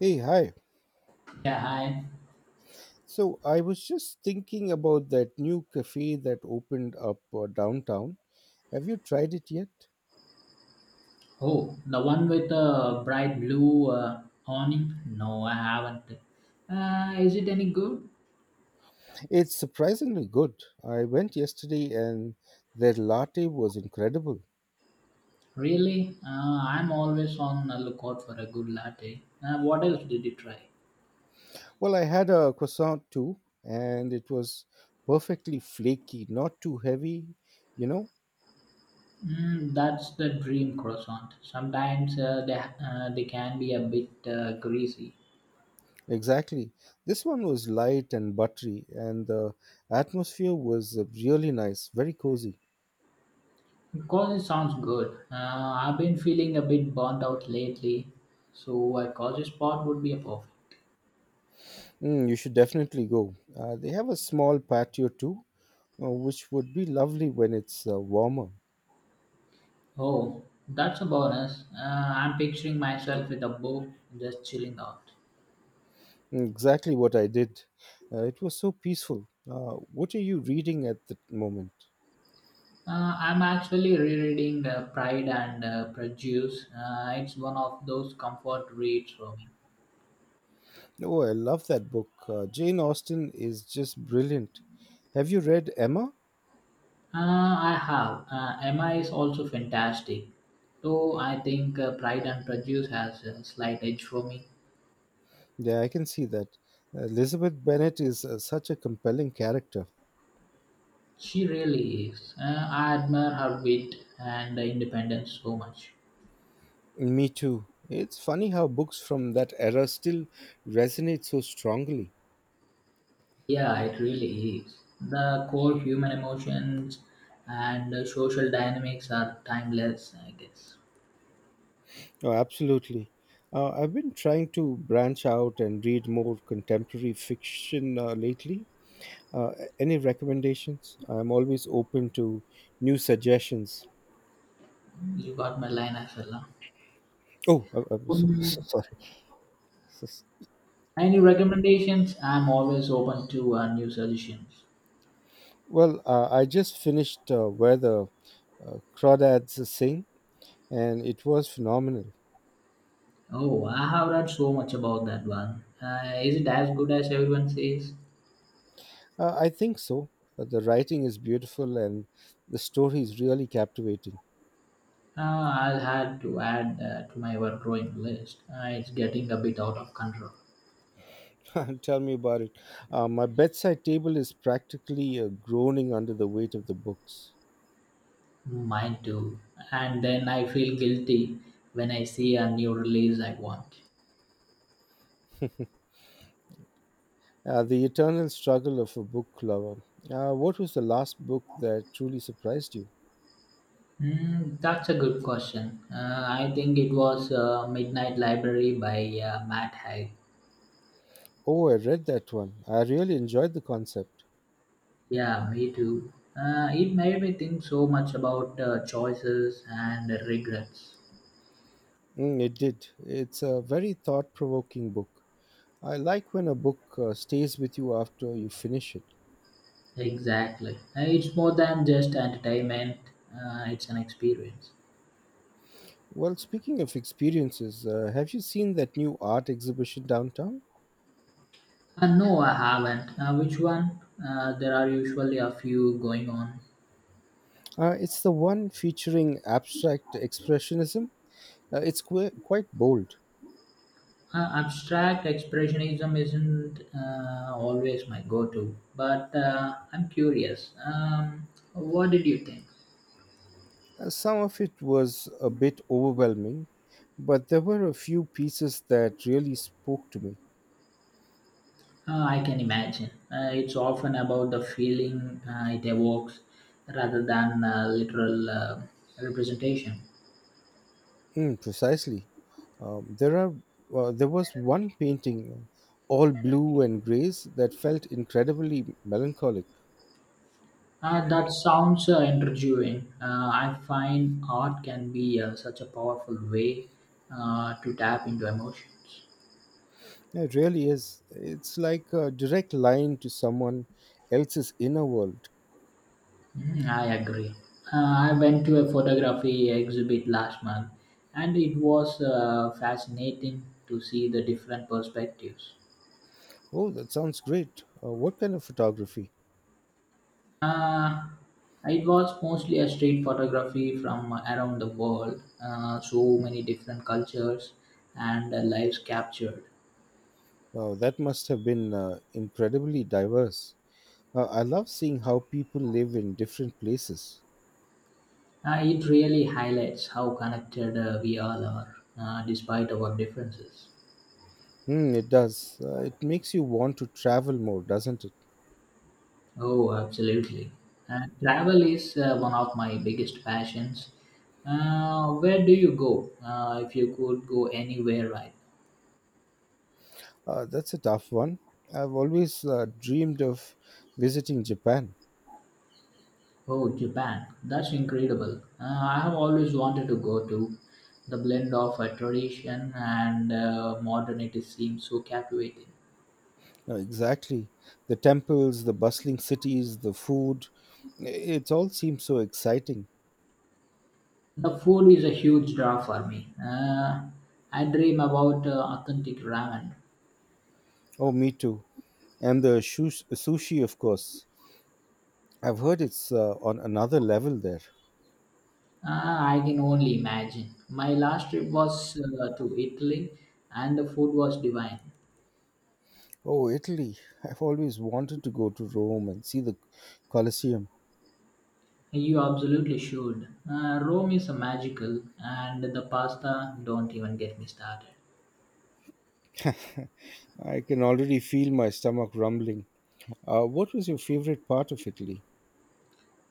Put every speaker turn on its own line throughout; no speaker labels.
Hey, hi.
Yeah, hi.
So I was just thinking about that new cafe that opened up downtown. Have you tried it yet?
Oh, the one with the bright blue awning? No, I haven't. Is it any good?
It's surprisingly good. I went yesterday and their latte was incredible.
Really? I'm always on the lookout for a good latte. What else did you try?
Well, I had a croissant too, and it was perfectly flaky, not too heavy, you know?
Mm, that's the dream croissant. Sometimes they can be a bit greasy.
Exactly. This one was light and buttery, and the atmosphere was really nice, very cozy.
Because it sounds good. I've been feeling a bit burnt out lately, so a cozy spot would be a perfect.
Mm, you should definitely go. They have a small patio too, which would be lovely when it's warmer.
Oh, that's a bonus. I'm picturing myself with a book just chilling out.
Mm, exactly what I did. It was so peaceful. What are you reading at the moment?
I'm actually rereading Pride and Prejudice. It's one of those comfort reads for me.
Oh, I love that book. Jane Austen is just brilliant. Have you read Emma?
I have. Emma is also fantastic. Though I think Pride and Prejudice has a slight edge for me.
Yeah, I can see that. Elizabeth Bennet is such a compelling character.
She really is. I admire her wit and independence so much.
Me too. It's funny how books from that era still resonate so strongly.
Yeah, it really is. The core human emotions and social dynamics are timeless, I guess.
Oh, absolutely. I've been trying to branch out and read more contemporary fiction lately. Uh, any recommendations? I'm always open to new suggestions.
You got my line as well, huh?
Oh, so,
Mm.
so sorry. So-
Any recommendations? I'm always open to new suggestions.
Well, I just finished Where the Crawdads Sing, and it was phenomenal.
Oh, I have read so much about that one. Is it as good as everyone says?
I think so. The writing is beautiful, and the story is really captivating.
I'll have to add to my ever growing list. It's getting a bit out of control.
Tell me about it. My bedside table is practically groaning under the weight of the books.
Mine too. And then I feel guilty when I see a new release I want.
The eternal struggle of a book lover. What was the last book that truly surprised you?
Mm, that's a good question. I think it was Midnight Library by Matt Haig.
Oh, I read that one. I really enjoyed the concept.
Yeah, me too. It made me think so much about choices and regrets.
Mm, it did. It's a very thought provoking book. I like when a book stays with you after you finish it.
Exactly. It's more than just entertainment, it's an experience.
Well, speaking of experiences, have you seen that new art exhibition downtown?
No, I haven't. Which one? There are usually a few going on.
It's the one featuring abstract expressionism. It's quite bold.
Abstract expressionism isn't always my go-to, but I'm curious. What did you think?
Some of it was a bit overwhelming, but there were a few pieces that really spoke to me.
I can imagine. It's often about the feeling it evokes rather than literal representation.
Mm, precisely. Um, there are there was one painting, all blue and grays, that felt incredibly melancholic.
That sounds intriguing. I find art can be such a powerful way to tap into emotions.
It really is. It's like a direct line to someone else's inner world.
Mm, I agree. I went to a photography exhibit last month and it was fascinating to see the different perspectives.
Oh, that sounds great. What kind of photography?
Uh, it was mostly a street photography from around the world, so many different cultures and lives captured.
Wow, that must have been incredibly diverse. I love seeing how people live in different places.
It really highlights how connected we all are despite our differences.
Hmm, it does. It makes you want to travel more, doesn't it?
Oh, absolutely. Travel is one of my biggest passions. Where do you go? If you could go anywhere, right?
That's a tough one. I've always dreamed of visiting Japan.
Oh, Japan. That's incredible. I have always wanted to go to. The blend of tradition and modernity seems so captivating.
Exactly. The temples, the bustling cities, the food. i- It all seems so exciting.
The food is a huge draw for me. I dream about authentic ramen.
Oh, me too. And the sushi, of course. I've heard it's on another level there.
Ah, I can only imagine. My last trip was to Italy and the food was divine.
Oh, Italy. I've always wanted to go to Rome and see the Colosseum.
You absolutely should. Rome is magical and the pasta, don't even get me started.
I can already feel my stomach rumbling. What was your favorite part of Italy?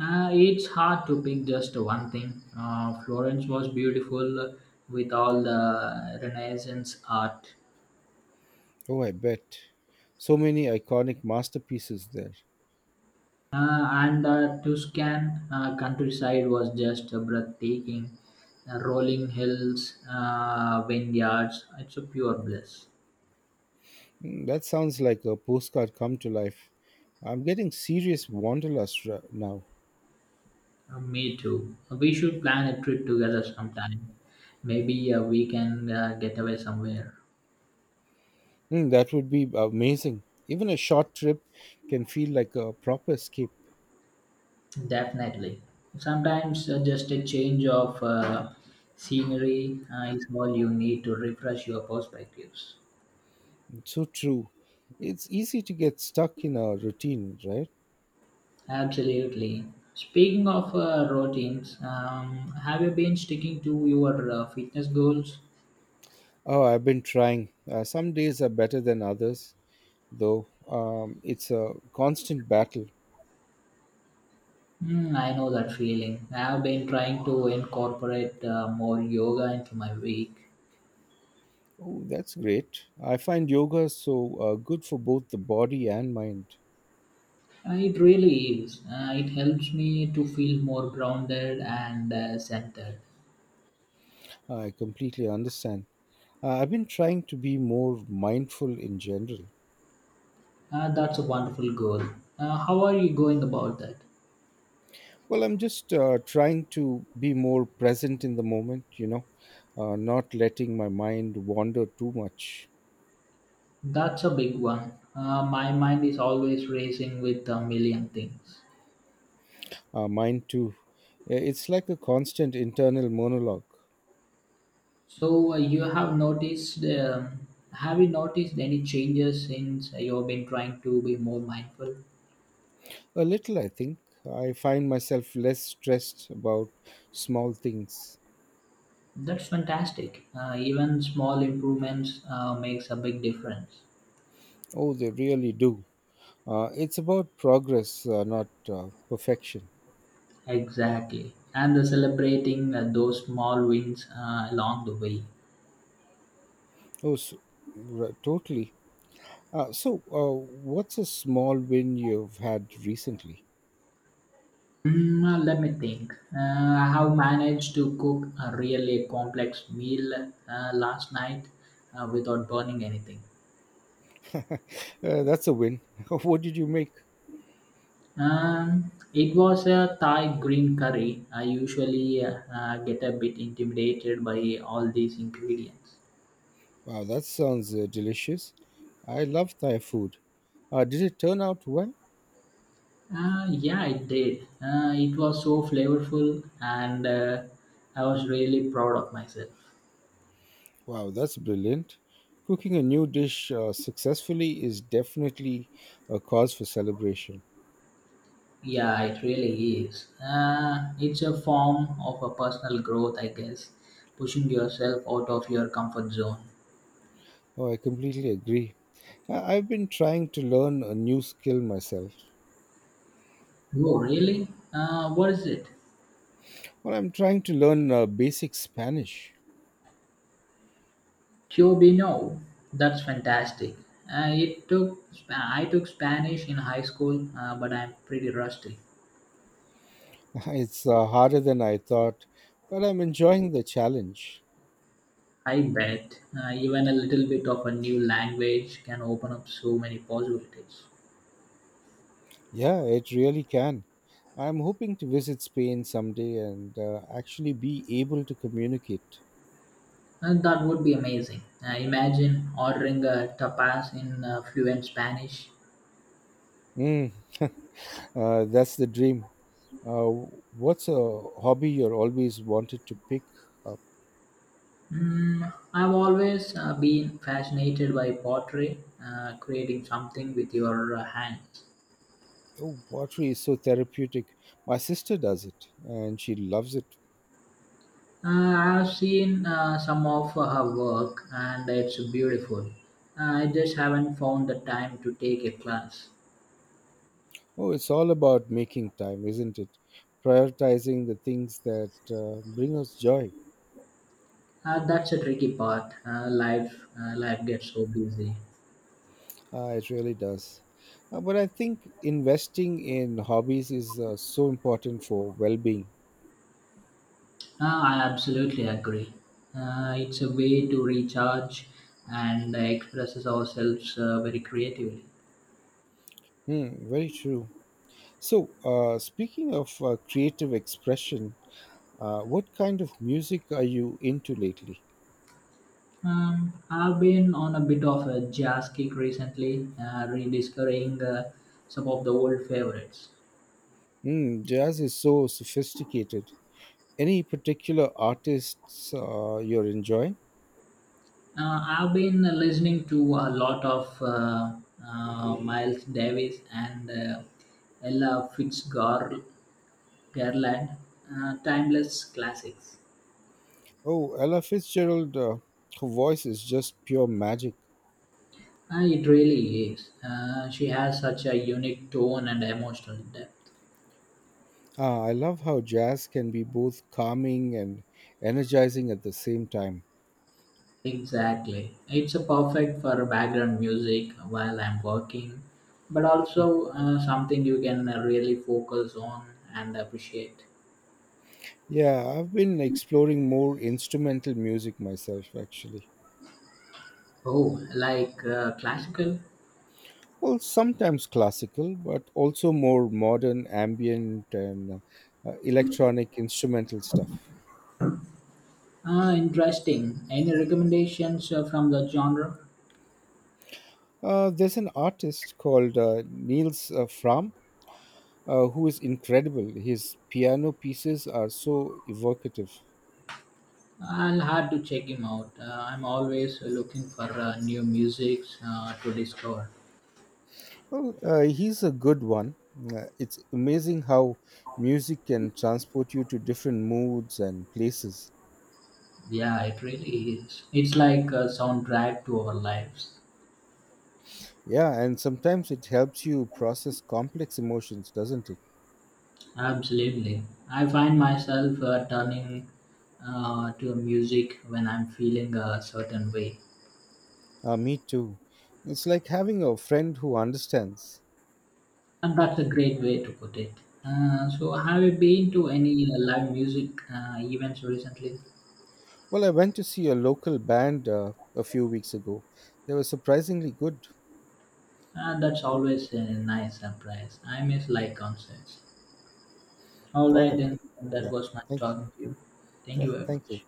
It's hard to pick just one thing. Florence was beautiful with all the Renaissance art.
Oh, I bet. So many iconic masterpieces there.
And the Tuscan countryside was just breathtaking. Rolling hills, vineyards, it's a pure bliss.
Hmm, that sounds like a postcard come to life. I'm getting serious wanderlust now.
Me too. We should plan a trip together sometime. Maybe we can get away somewhere.
Hmm, that would be amazing. Even a short trip can feel like a proper escape.
Definitely. Sometimes just a change of scenery is all you need to refresh your perspectives.
So true. It's easy to get stuck in a routine, right?
Absolutely. Speaking of routines, have you been sticking to your fitness goals?
Oh, I've been trying. Some days are better than others, though. It's a constant battle.
Hmm, I know that feeling. I have been trying to incorporate more yoga into my week.
Oh, that's great. I find yoga so good for both the body and mind.
It really is. It helps me to feel more grounded and centered.
I completely understand. I've been trying to be more mindful in general.
That's a wonderful goal. How are you going about that?
Well, I'm just trying to be more present in the moment, you know, not letting my mind wander too much.
That's a big one. My mind is always racing with a million things.
Mind too. It's like a constant internal monologue.
So have you noticed any changes since you've been trying to be more mindful?
A little, I think. I find myself less stressed about small things.
That's fantastic. Even small improvements makes a big difference.
Oh, they really do. It's about progress, not perfection.
Exactly. And the celebrating those small wins along the way.
Oh, s r totally. Uh, so, uh, what's a small win you've had recently?
Let me think. I have managed to cook a really complex meal last night without burning anything.
That's a win. What did you make?
It was a Thai green curry. I usually get a bit intimidated by all these ingredients.
Wow, that sounds delicious. I love Thai food. Did it turn out well?
Yeah, it did. It was so flavorful, and I was really proud of myself.
Wow, that's brilliant. Cooking a new dish successfully is definitely a cause for celebration.
Yeah, it really is. It's a form of a personal growth, I guess, pushing yourself out of your comfort zone.
Oh, I completely agree. I've been trying to learn a new skill myself.
Oh, really? What is it?
Well, I'm trying to learn basic Spanish.
Cuobino, that's fantastic. I took Spanish in high school, but I'm pretty rusty.
It's harder than I thought, but I'm enjoying the challenge.
I bet even a little bit of a new language can open up so many possibilities.
Yeah, it really can. I'm hoping to visit Spain someday and actually be able to communicate.
And that would be amazing. Imagine ordering a tapas in fluent Spanish.
Mm. That's the dream. Uh, what's a hobby you're always wanted to pick up?
Mm, I've always been fascinated by pottery, creating something with your hands.
Oh, pottery is so therapeutic. My sister does it and she loves it.
Uh, I've seen some of her work and it's beautiful. I just haven't found the time to take a class.
Oh, it's all about making time, isn't it? Prioritizing the things that bring us joy.
That's a tricky part. Life gets so busy.
It really does. But I think investing in hobbies is so important for well being.
I absolutely agree. It's a way to recharge and expresses ourselves very creatively.
Hmm, very true. Speaking of creative expression, what kind of music are you into lately?
I've been on a bit of a jazz kick recently, rediscovering some of the old favorites.
Mm, jazz is so sophisticated. Any particular artists you're enjoying?
I've been listening to a lot of Miles Davis and Ella Fitzgerald, timeless classics.
Oh, Ella Fitzgerald, her voice is just pure magic.
It really is. She has such a unique tone and emotional depth.
Ah, I love how jazz can be both calming and energizing at the same time.
Exactly. It's a perfect for background music while I'm working, but also something you can really focus on and appreciate.
Yeah, I've been exploring more instrumental music myself, actually.
Oh, like classical?
Well, sometimes classical, but also more modern, ambient, and electronic instrumental stuff.
Ah, interesting. Any recommendations from the genre?
There's an artist called Niels Fram who is incredible. His piano pieces are so evocative.
I'll have to check him out. I'm always looking for new music to discover.
Well, he's a good one. It's amazing how music can transport you to different moods and places.
Yeah, it really is. It's like a soundtrack to our lives.
Yeah, and sometimes it helps you process complex emotions, doesn't it?
Absolutely. I find myself turning to music when I'm feeling a certain way.
Me too. It's like having a friend who understands.
And that's a great way to put it. So, have you been to any live music events recently?
Well, I went to see a local band a few weeks ago. They were surprisingly good.
And that's
Okay.
always a nice surprise. I miss live concerts. All
All
right,
right.
then.
Yeah.
That was nice
Thank you.
talking to you. Thank
Yeah,
you very
thank you.
much.